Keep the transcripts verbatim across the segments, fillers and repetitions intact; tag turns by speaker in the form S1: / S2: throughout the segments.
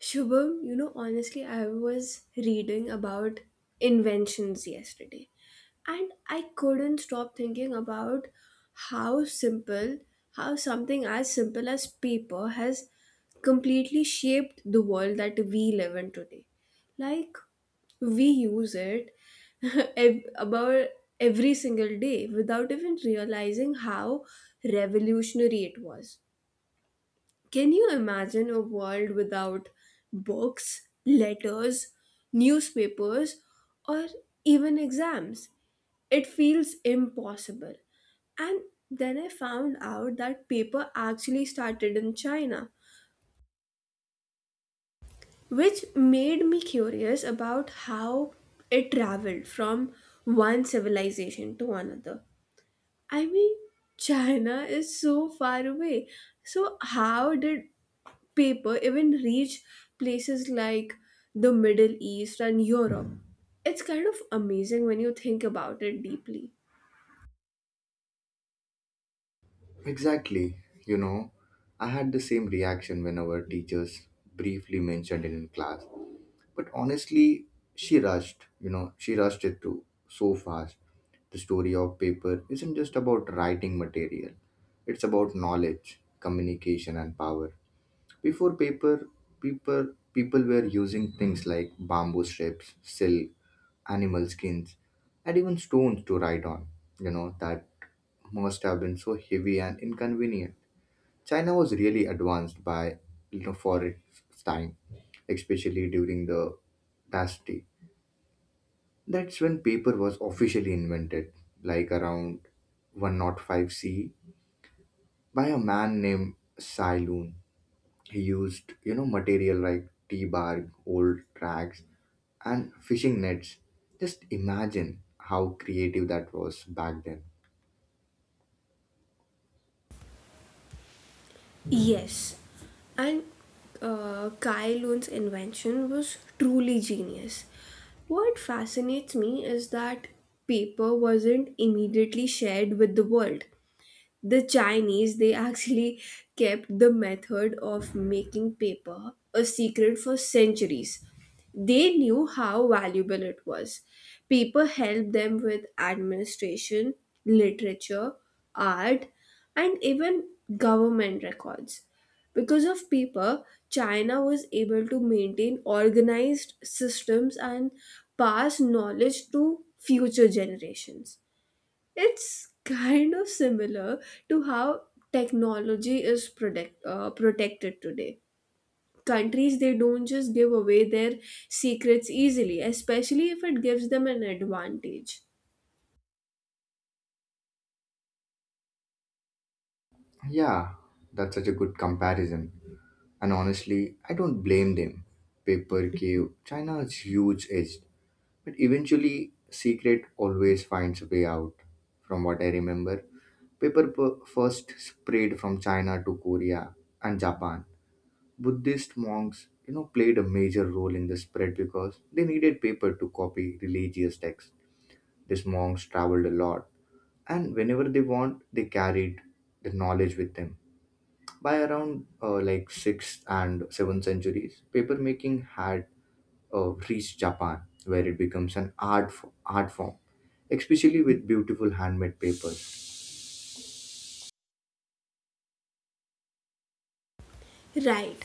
S1: Shubham, you know, honestly, I was reading about inventions yesterday and I couldn't stop thinking about how simple, how something as simple as paper has completely shaped the world that we live in today. Like, we use it ev- about every single day without even realizing how revolutionary it was. Can you imagine a world without books, letters, newspapers, or even exams? It feels impossible. And then I found out that paper actually started in China, which made me curious about how it traveled from one civilization to another. I mean, China is so far away. So, how did paper even reach places like the Middle East and Europe. It's kind of amazing when you think about it deeply.
S2: Exactly. You know, I had the same reaction when our teachers briefly mentioned it in class. But honestly, she rushed, you know, she rushed it through so fast. The story of paper isn't just about writing material, it's about knowledge, communication, and power. Before paper, people people were using things like bamboo strips, silk, animal skins, and even stones to write on. You know that must have been so heavy and inconvenient. China was really advanced by you know for its time, especially during the dynasty. That's when paper was officially invented, like around one oh five C, by a man named Sai Lun. He used, you know, material like tea bark, old rags, and fishing nets. Just imagine how creative that was back then.
S1: Yes, and uh, Kai Lun's invention was truly genius. What fascinates me is that paper wasn't immediately shared with the world. The Chinese, they actually kept the method of making paper a secret for centuries. They knew how valuable it was. Paper helped them with administration, literature, art, and even government records. Because of paper, China was able to maintain organized systems and pass knowledge to future generations. It's kind of similar to how technology is protect, uh, protected today. Countries, they don't just give away their secrets easily, especially if it gives them an advantage.
S2: Yeah, that's such a good comparison. And honestly, I don't blame them. Paper cave, China is huge edge, but eventually, secret always finds a way out. From what I remember, paper per- first spread from China to Korea and Japan. Buddhist monks, you know, played a major role in the spread because they needed paper to copy religious texts. These monks traveled a lot, and whenever they want, they carried the knowledge with them. By around uh, like sixth and seventh centuries, paper making had uh, reached Japan, where it becomes an art f- art form, especially with beautiful handmade papers.
S1: Right.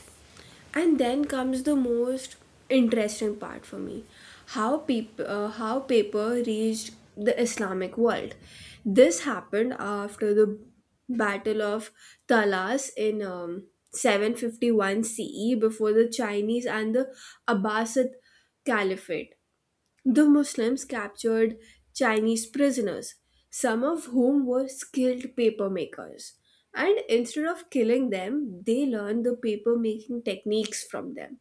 S1: And then comes the most interesting part for me, how, peop- uh, how paper reached the Islamic world. This happened after the Battle of Talas in um, seven fifty-one C E before the Chinese and the Abbasid Caliphate. The Muslims captured Chinese prisoners, some of whom were skilled paper makers. And instead of killing them, they learned the paper making techniques from them.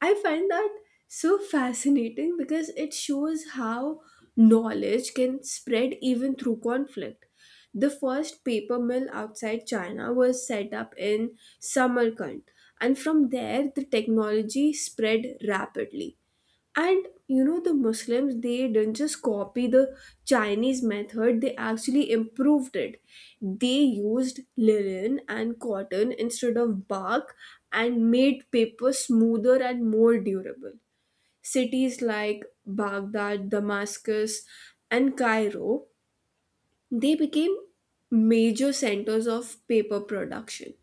S1: I find that so fascinating because it shows how knowledge can spread even through conflict. The first paper mill outside China was set up in Samarkand, and from there the technology spread rapidly. And you know, the Muslims, they didn't just copy the Chinese method, they actually improved it. They used linen and cotton instead of bark and made paper smoother and more durable. Cities like Baghdad, Damascus, and Cairo, they became major centers of paper production.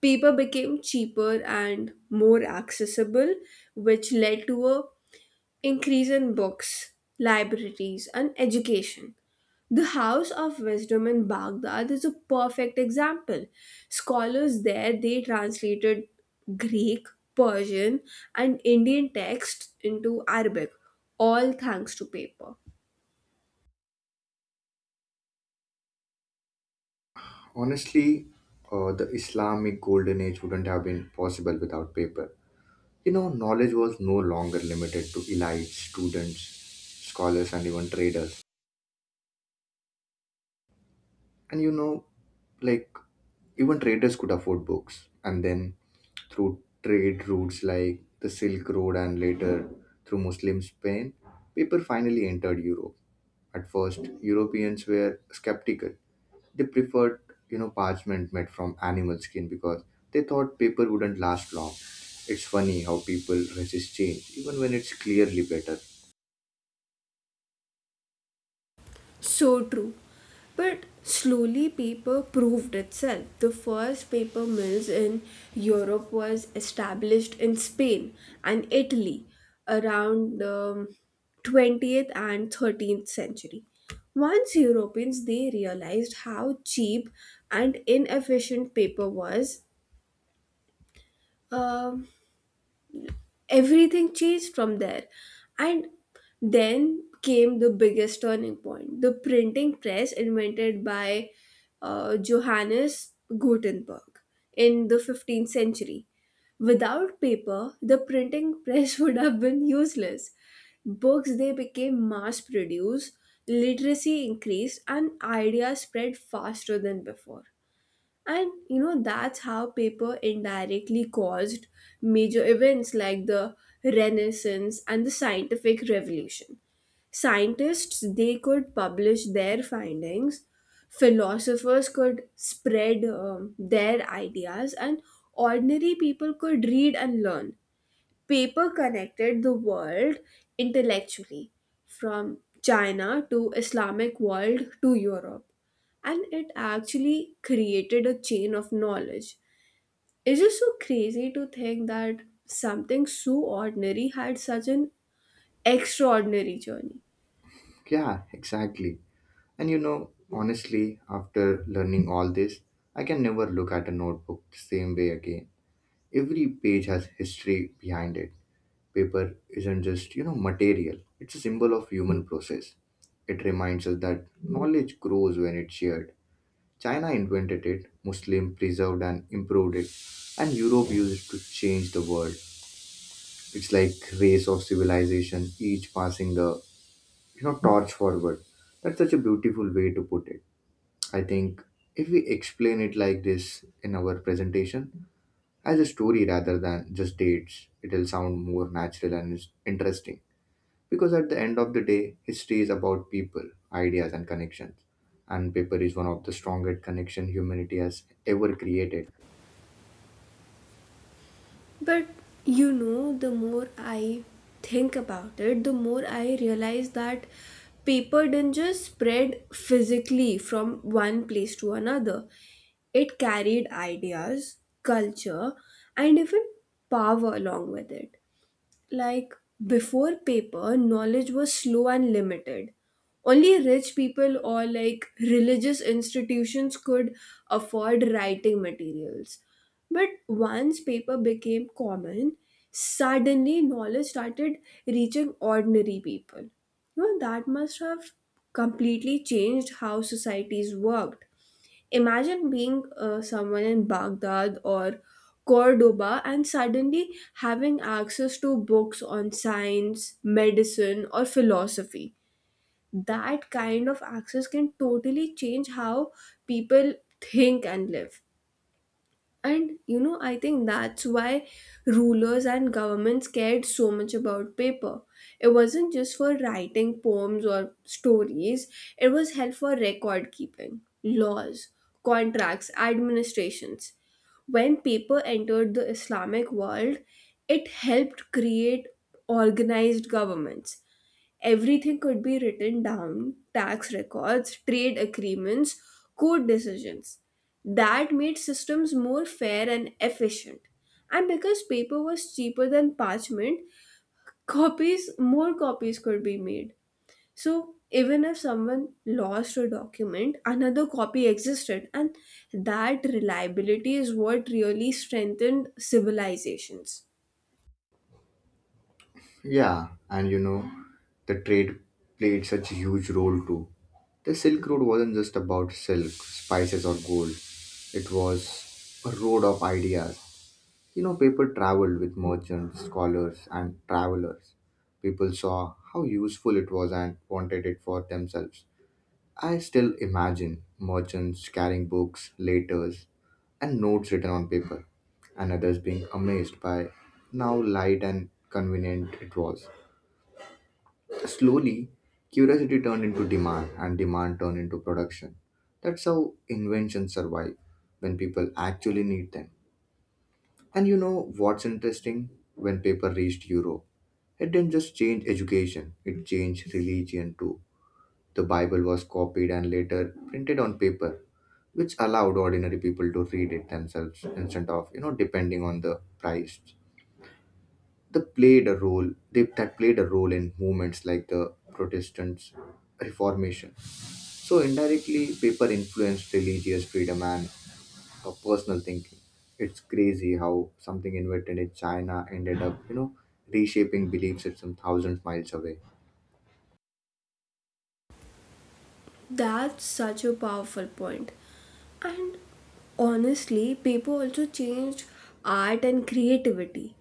S1: Paper became cheaper and more accessible, which led to a increase in books, libraries, and education. The House of Wisdom in Baghdad is a perfect example. Scholars there, they translated Greek, Persian, and Indian texts into Arabic, all thanks to paper.
S2: Honestly, uh, the Islamic golden age wouldn't have been possible without paper. You know, knowledge was no longer limited to elites, students, scholars, and even traders. And you know, like, even traders could afford books. And then through trade routes like the Silk Road and later through Muslim Spain, people finally entered Europe. At first, Europeans were skeptical. They preferred, you know, parchment made from animal skin because they thought paper wouldn't last long. It's funny how people resist change, even when it's clearly better.
S1: So true. But slowly paper proved itself. The first paper mills in Europe was established in Spain and Italy around the twentieth and thirteenth century. Once Europeans, they realized how cheap and inefficient paper was, um, everything changed from there. And then came the biggest turning point, the printing press, invented by uh, Johannes Gutenberg in the fifteenth century. Without paper, the printing press would have been useless. Books, they became mass produced, literacy increased, and ideas spread faster than before. And you know, that's how paper indirectly caused major events like the Renaissance and the scientific revolution. Scientists, they could publish their findings, philosophers could spread um, their ideas, and ordinary people could read and learn. Paper connected the world intellectually, from China to Islamic world to Europe, and it actually created a chain of knowledge. It's just so crazy to think that something so ordinary had such an extraordinary journey.
S2: Yeah, exactly. And you know, honestly, after learning all this, I can never look at a notebook the same way again. Every page has history behind it. Paper isn't just, you know, material, it's a symbol of human process. It reminds us that knowledge grows when it's shared. China invented it, Muslim preserved and improved it, and Europe used it to change the world. It's like race of civilization, each passing the you know torch forward. That's such a beautiful way to put it. I think if we explain it like this in our presentation as a story rather than just dates, it'll sound more natural and is- interesting, because at the end of the day, history is about people, ideas, and connections, and paper is one of the strongest connection humanity has ever created.
S1: But you know, the more I think about it, the more I realize that paper didn't just spread physically from one place to another, it carried ideas, culture, and even power along with it. Like, before paper, knowledge was slow and limited. Only rich people, or like religious institutions, could afford writing materials. But once paper became common, suddenly knowledge started reaching ordinary people. You know that must have completely changed how societies worked. Imagine being uh, someone in Baghdad or Cordoba and suddenly having access to books on science, medicine, or philosophy. That kind of access can totally change how people think and live. And you know, I think that's why rulers and governments cared so much about paper. It wasn't just for writing poems or stories, it was held for record keeping, laws, contracts, administrations. When paper entered the Islamic world, it helped create organized governments. Everything could be written down, tax records, trade agreements, court decisions. That made systems more fair and efficient. And because paper was cheaper than parchment, copies, more copies could be made. So even if someone lost a document, another copy existed, and that reliability is what really strengthened civilizations.
S2: Yeah, and you know, the trade played such a huge role too. The Silk Road wasn't just about silk, spices, or gold, it was a road of ideas. You know, people traveled with merchants, scholars, and travelers. People saw how useful it was and wanted it for themselves. I still imagine merchants carrying books, letters, and notes written on paper, and others being amazed by how light and convenient it was. Slowly, curiosity turned into demand, and demand turned into production. That's how inventions survive when people actually need them. And you know what's interesting? When paper reached Europe, it didn't just change education, it changed religion too. The Bible was copied and later printed on paper, which allowed ordinary people to read it themselves instead of, you know, depending on the price. The played a role they, that played a role in movements like the Protestant Reformation. So indirectly, paper influenced religious freedom and uh, personal thinking. It's crazy how something invented in China ended up, you know, reshaping belief system thousands miles away.
S1: That's such a powerful point. And honestly, paper also changed art and creativity.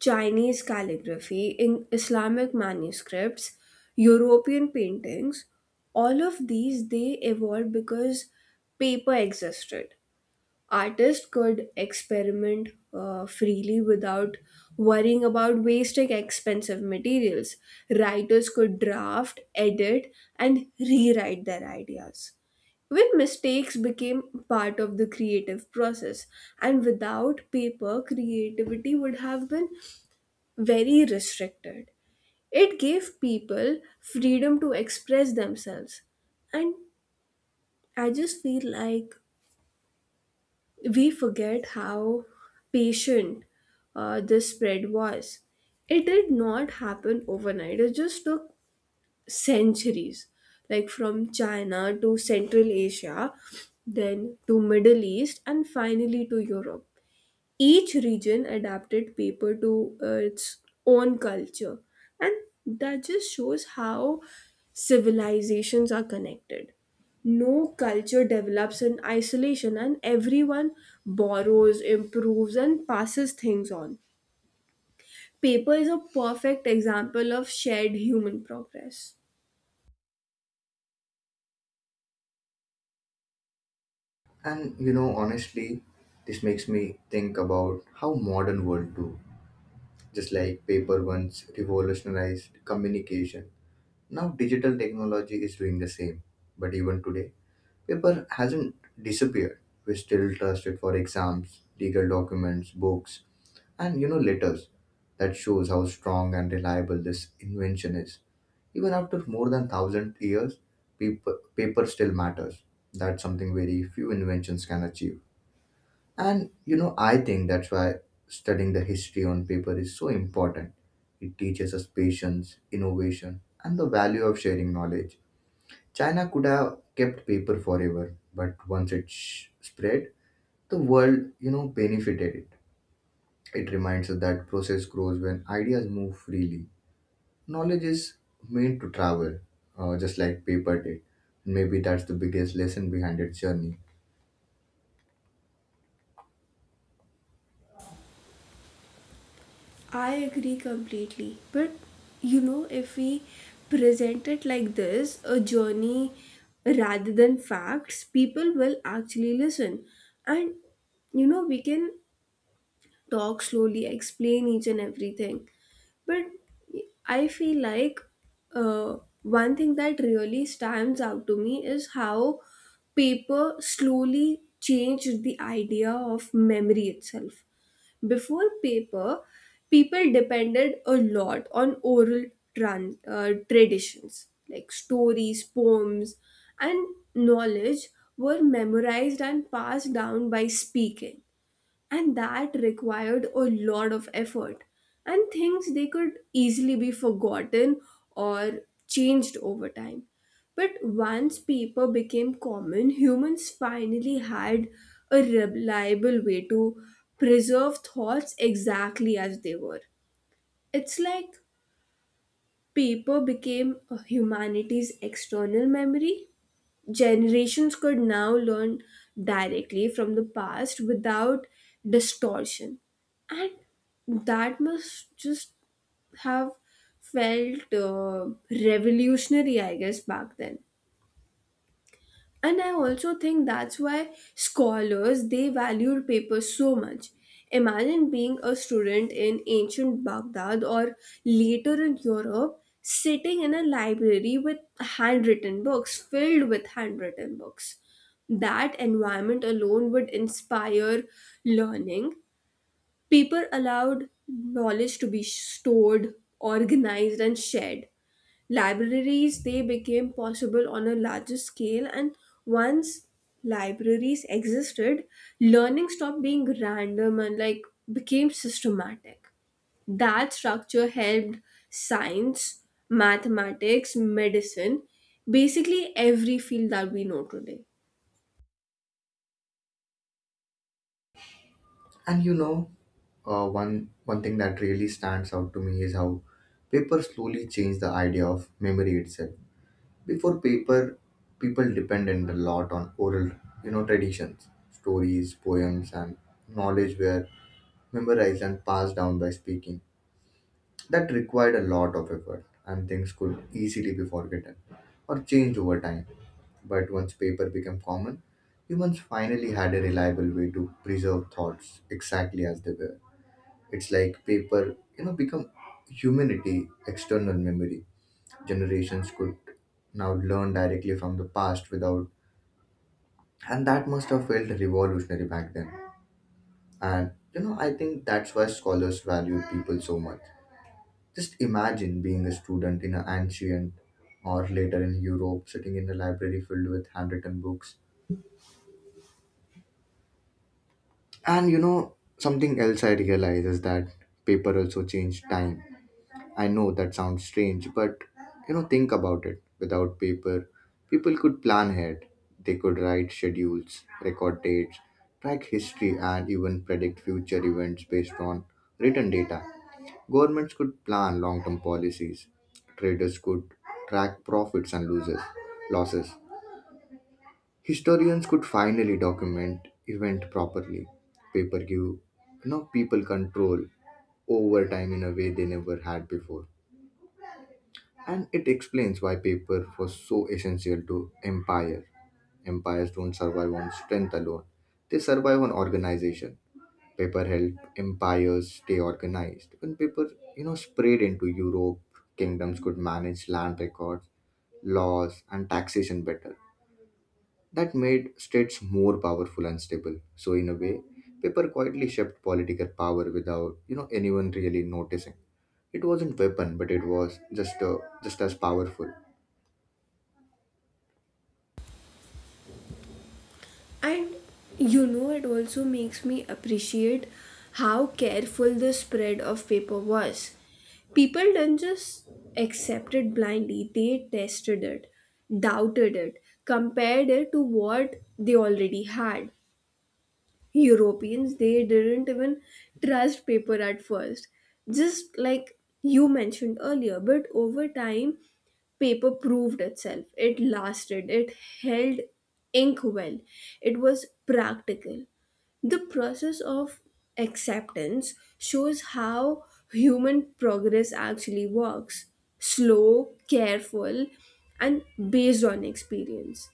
S1: Chinese calligraphy, in Islamic manuscripts, European paintings, all of these, they evolved because paper existed. Artists could experiment uh, freely without worrying about wasting expensive materials. Writers could draft, edit, and rewrite their ideas. When mistakes became part of the creative process, and without paper, creativity would have been very restricted. It gave people freedom to express themselves. And I just feel like we forget how patient uh, this spread was. It did not happen overnight, it just took centuries, like from China to Central Asia, then to Middle East, and finally to Europe. Each region adapted paper to uh, its own culture, and that just shows how civilizations are connected. No culture develops in isolation, and everyone borrows, improves, and passes things on. Paper is a perfect example of shared human progress.
S2: And you know, honestly, this makes me think about how modern world too. Just like paper once revolutionized communication, now digital technology is doing the same. But even today, paper hasn't disappeared. We still trust it for exams, legal documents, books, and you know letters. That shows how strong and reliable this invention is, even after more than one thousand years. Paper, paper still matters. That's something very few inventions can achieve. And you know I think that's why studying the history on paper is so important. It teaches us patience, innovation, and the value of sharing knowledge. China could have kept paper forever, but once it sh- spread, the world you know benefited it. It reminds us that process grows when ideas move freely. Knowledge is meant to travel, uh, just like paper did. Maybe that's the biggest lesson behind its journey.
S1: I agree completely. But you know, if we present it like this, a journey rather than facts, people will actually listen. And you know, we can talk slowly, explain each and everything. But I feel like uh, one thing that really stands out to me is how paper slowly changed the idea of memory itself. Before paper, people depended a lot on oral tran- uh, traditions like stories, poems, and knowledge were memorized and passed down by speaking, and that required a lot of effort, and things they could easily be forgotten or changed over time. But once paper became common, humans finally had a reliable way to preserve thoughts exactly as they were. It's like paper became humanity's external memory. Generations could now learn directly from the past without distortion. And that must just have felt uh, revolutionary, I guess, back then. And I also think that's why scholars, they valued papers so much. Imagine being a student in ancient Baghdad or later in Europe, sitting in a library with handwritten books filled with handwritten books. That environment alone would inspire learning. People allowed knowledge to be stored, organized, and shared. Libraries, they became possible on a larger scale, and once libraries existed, learning stopped being random and like became systematic. That structure helped science, mathematics, medicine, basically every field that we know today.
S2: And you know, uh, one one thing that really stands out to me is how paper slowly changed the idea of memory itself. Before paper, people depended a lot on oral, you know, traditions, stories, poems, and knowledge were memorized and passed down by speaking. That required a lot of effort, and things could easily be forgotten or changed over time. But once paper became common, humans finally had a reliable way to preserve thoughts exactly as they were. It's like paper, you know, become humanity external memory. Generations could now learn directly from the past without, and that must have felt revolutionary back then. And you know, I think that's why scholars value people so much. Just imagine being a student in an ancient or later in Europe, sitting in a library filled with handwritten books. And you know, something else I realize is that paper also changed time. I know that sounds strange, but you know, think about it. Without paper, people could plan ahead. They could write schedules, record dates, track history, and even predict future events based on written data. Governments could plan long term policies. Traders could track profits and loses, losses. Historians could finally document event properly. Paper give you know people control over time in a way they never had before. And it explains why paper was so essential to empire. Empires don't survive on strength alone, they survive on organization. Paper helped empires stay organized. When paper you know spread into Europe, kingdoms could manage land records, laws, and taxation better. That made states more powerful and stable. So in a way, paper quietly shaped political power without you know anyone really noticing. It wasn't weapon, but it was just uh, just as powerful.
S1: And you know, it also makes me appreciate how careful the spread of paper was. People didn't just accept it blindly, they tested it, doubted it, compared it to what they already had. Europeans, they didn't even trust paper at first, just like you mentioned earlier. But over time, paper proved itself. It lasted, it held ink well, it was practical. The process of acceptance shows how human progress actually works, slow, careful, and based on experience.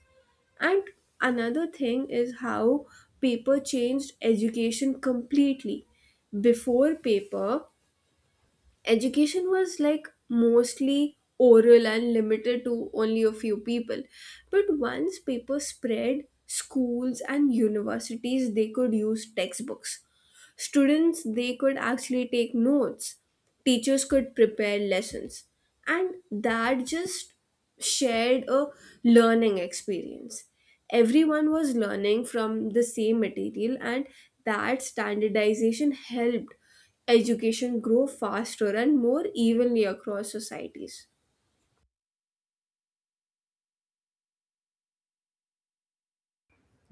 S1: And another thing is how paper changed education completely. Before paper, education was like mostly oral and limited to only a few people. But once paper spread, schools and universities, they could use textbooks. Students, they could actually take notes, teachers could prepare lessons, and that just shared a learning experience. Everyone was learning from the same material, and that standardization helped education grow faster and more evenly across societies.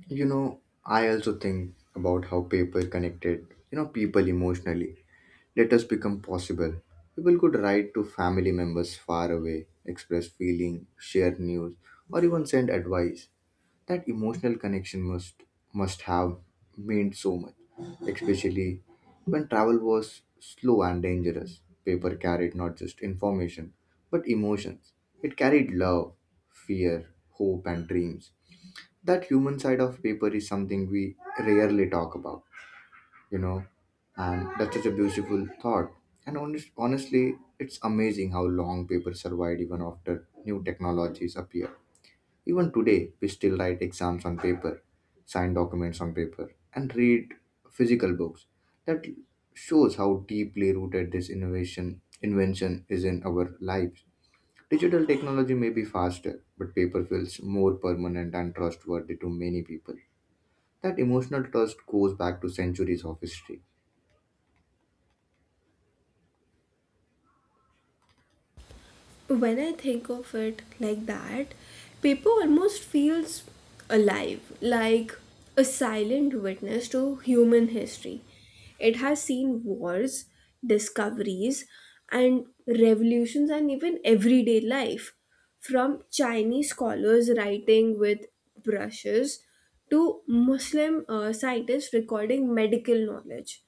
S2: You know, I also think about how paper connected, you know, people emotionally. Letters become possible. People could write to family members far away, express feeling, share news, or even send advice. That emotional connection must must have meant so much, especially when travel was slow and dangerous. Paper carried not just information, but emotions. It carried love, fear, hope, and dreams. That human side of paper is something we rarely talk about. you know and that's such a beautiful thought. And honest, honestly it's amazing how long paper survived even after new technologies appear. Even today we still write exams on paper, sign documents on paper, and read physical books. That shows how deeply rooted this innovation invention is in our lives. Digital technology may be faster, but paper feels more permanent and trustworthy to many people. That emotional trust goes back to centuries of history.
S1: When I think of it like that, paper almost feels alive, like a silent witness to human history. It has seen wars, discoveries, and revolutions, and even everyday life. From Chinese scholars writing with brushes to Muslim uh, scientists recording medical knowledge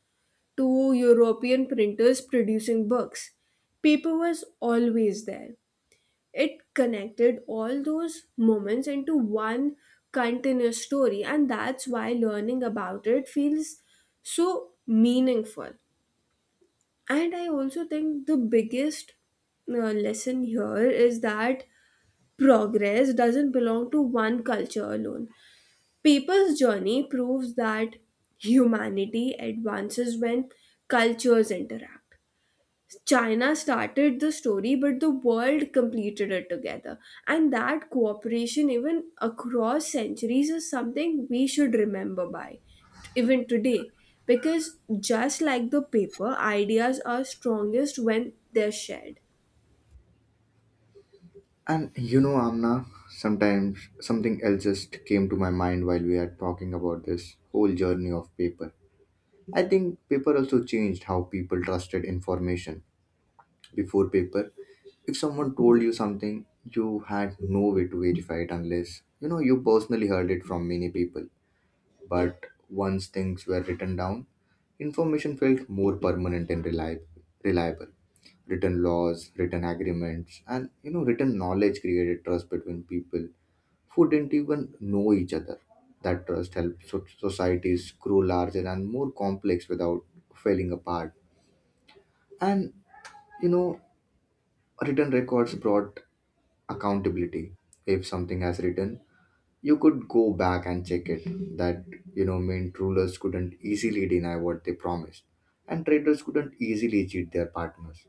S1: to European printers producing books, paper was always there. It connected all those moments into one continuous story, and that's why learning about it feels so meaningful. And I also think the biggest uh, lesson here is that progress doesn't belong to one culture alone. People's journey proves that humanity advances when cultures interact. China started the story, but the world completed it together. And that cooperation, even across centuries, is something we should remember by, t- even today. Because just like the paper, ideas are strongest when they're shared.
S2: And you know, Amna, sometimes something else just came to my mind while we are talking about this whole journey of paper. I think paper also changed how people trusted information. Before paper, if someone told you something, you had no way to verify it unless you know you personally heard it from many people. But once things were written down, information felt more permanent and reliable. reliable. Written laws, written agreements, and you know, written knowledge created trust between people who didn't even know each other. That trust helped so- societies grow larger and more complex without falling apart. And you know, written records brought accountability. If something has written, you could go back and check it. That you know, meant rulers couldn't easily deny what they promised, and traders couldn't easily cheat their partners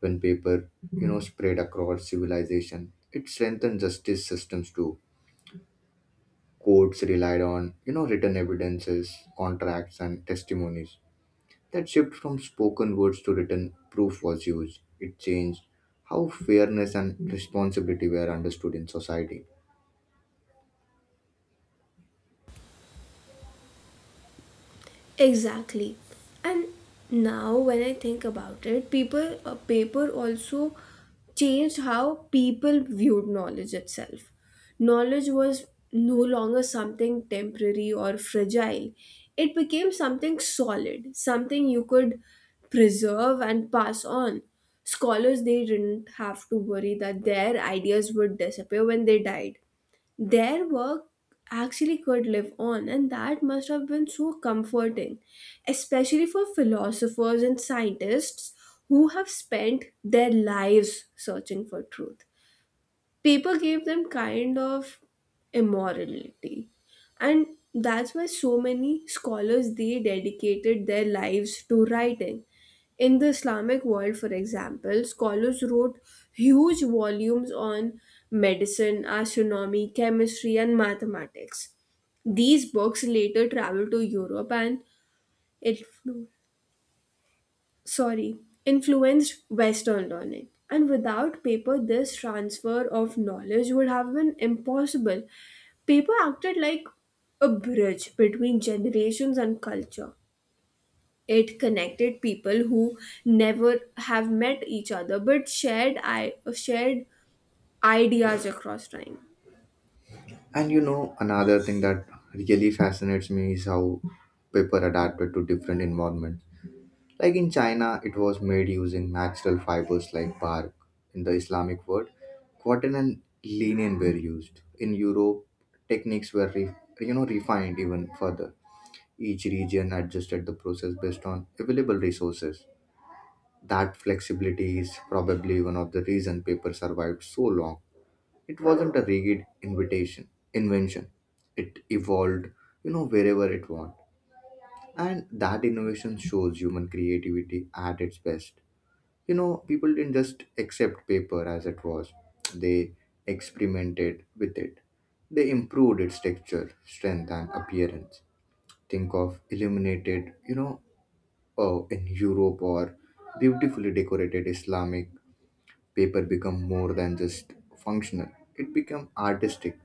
S2: when paper you know spread across civilization. It strengthened justice systems too. Courts relied on you know written evidences, contracts, and testimonies. That shift from spoken words to written proof was used. It changed how fairness and responsibility were understood in society.
S1: Exactly. And now when I think about it, people uh, paper also changed how people viewed knowledge itself. Knowledge was no longer something temporary or fragile. It became something solid, something you could preserve and pass on. Scholars, they didn't have to worry that their ideas would disappear when they died. Their work actually could live on, and that must have been so comforting, especially for philosophers and scientists who have spent their lives searching for truth. Paper gave them kind of immorality. And that's why so many scholars, they dedicated their lives to writing. In the Islamic world, for example, scholars wrote huge volumes on medicine, astronomy, chemistry, and mathematics. These books later traveled to Europe and it, sorry, influenced Western learning. And without paper, this transfer of knowledge would have been impossible. Paper acted like a bridge between generations and culture. It connected people who never have met each other but shared I- shared ideas across time.
S2: And you know another thing that really fascinates me is how paper adapted to different environments. Like in China, it was made using natural fibers like bark. In the Islamic world, cotton and linen were used. In Europe, techniques were re- you know refined even further. Each region adjusted the process based on available resources. That flexibility is probably one of the reason paper survived so long. It wasn't a rigid invitation invention. It evolved, you know, wherever it wanted. And that innovation shows human creativity at its best. You know, people didn't just accept paper as it was, they experimented with it. They improved its texture, strength, and appearance. Think of illuminated, you know, oh, in Europe or beautifully decorated Islamic paper become more than just functional. It became artistic.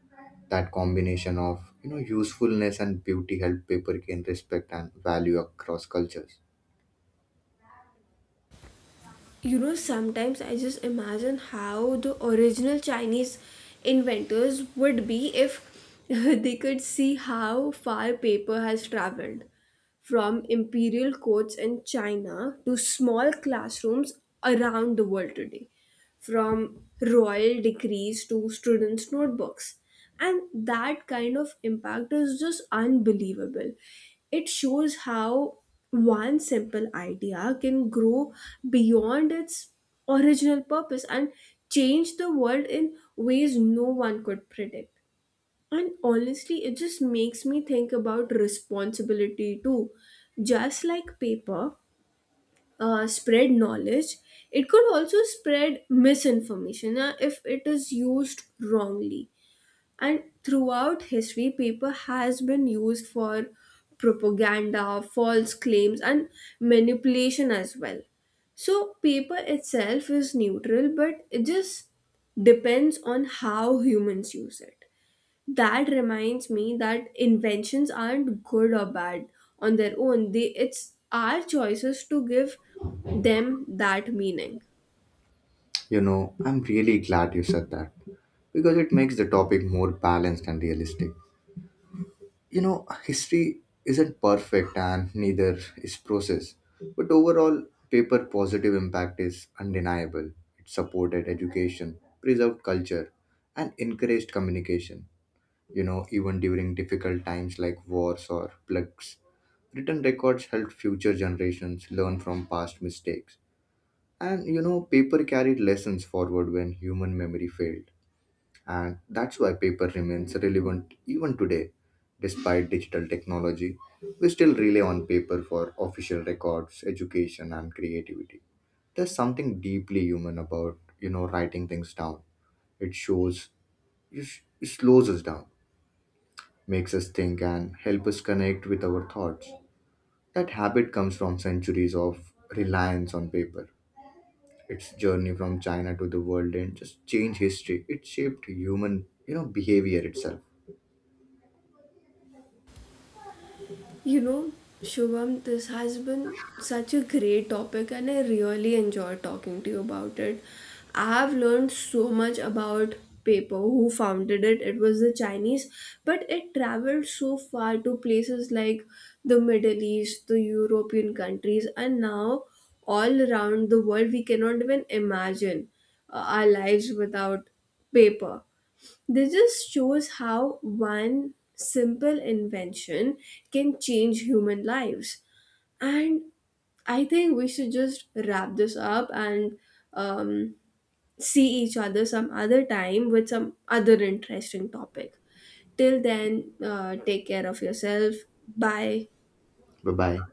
S2: That combination of you know usefulness and beauty helped paper gain respect and value across cultures.
S1: You know, sometimes I just imagine how the original Chinese inventors would be if they could see how far paper has traveled, from imperial courts in China to small classrooms around the world today, from royal decrees to students' notebooks. And that kind of impact is just unbelievable. It shows how one simple idea can grow beyond its original purpose and change the world in ways no one could predict. And honestly, it just makes me think about responsibility too. Just like paper, uh, spread knowledge, it could also spread misinformation uh, if it is used wrongly. And throughout history, paper has been used for propaganda, false claims, and manipulation as well. So, paper itself is neutral, but it just depends on how humans use it. That reminds me that inventions aren't good or bad on their own, they, it's our choices to give them that meaning.
S2: You know, I'm really glad you said that because it makes the topic more balanced and realistic. You know, history isn't perfect and neither is process, but overall, paper positive impact is undeniable. It supported education, preserved culture, and encouraged communication. You know, even during difficult times like wars or plagues, written records helped future generations learn from past mistakes. And you know, paper carried lessons forward when human memory failed. And that's why paper remains relevant even today. Despite digital technology, we still rely on paper for official records, education, and creativity. There's something deeply human about, you know, writing things down. It shows, it slows us down, makes us think, and help us connect with our thoughts. That habit comes from centuries of reliance on paper. Its journey from China to the world and just changed history. It shaped human, you know, behavior itself.
S1: You know, Shubham, this has been such a great topic and I really enjoy talking to you about it. I have learned so much about paper, who founded it. It was the Chinese, but it traveled so far to places like the Middle East, the European countries, and now all around the world, we cannot even imagine uh, our lives without paper. This just shows how one simple invention can change human lives. And I think we should just wrap this up and um, see each other some other time with some other interesting topic. Till then, uh, take care of yourself. Bye.
S2: Bye bye.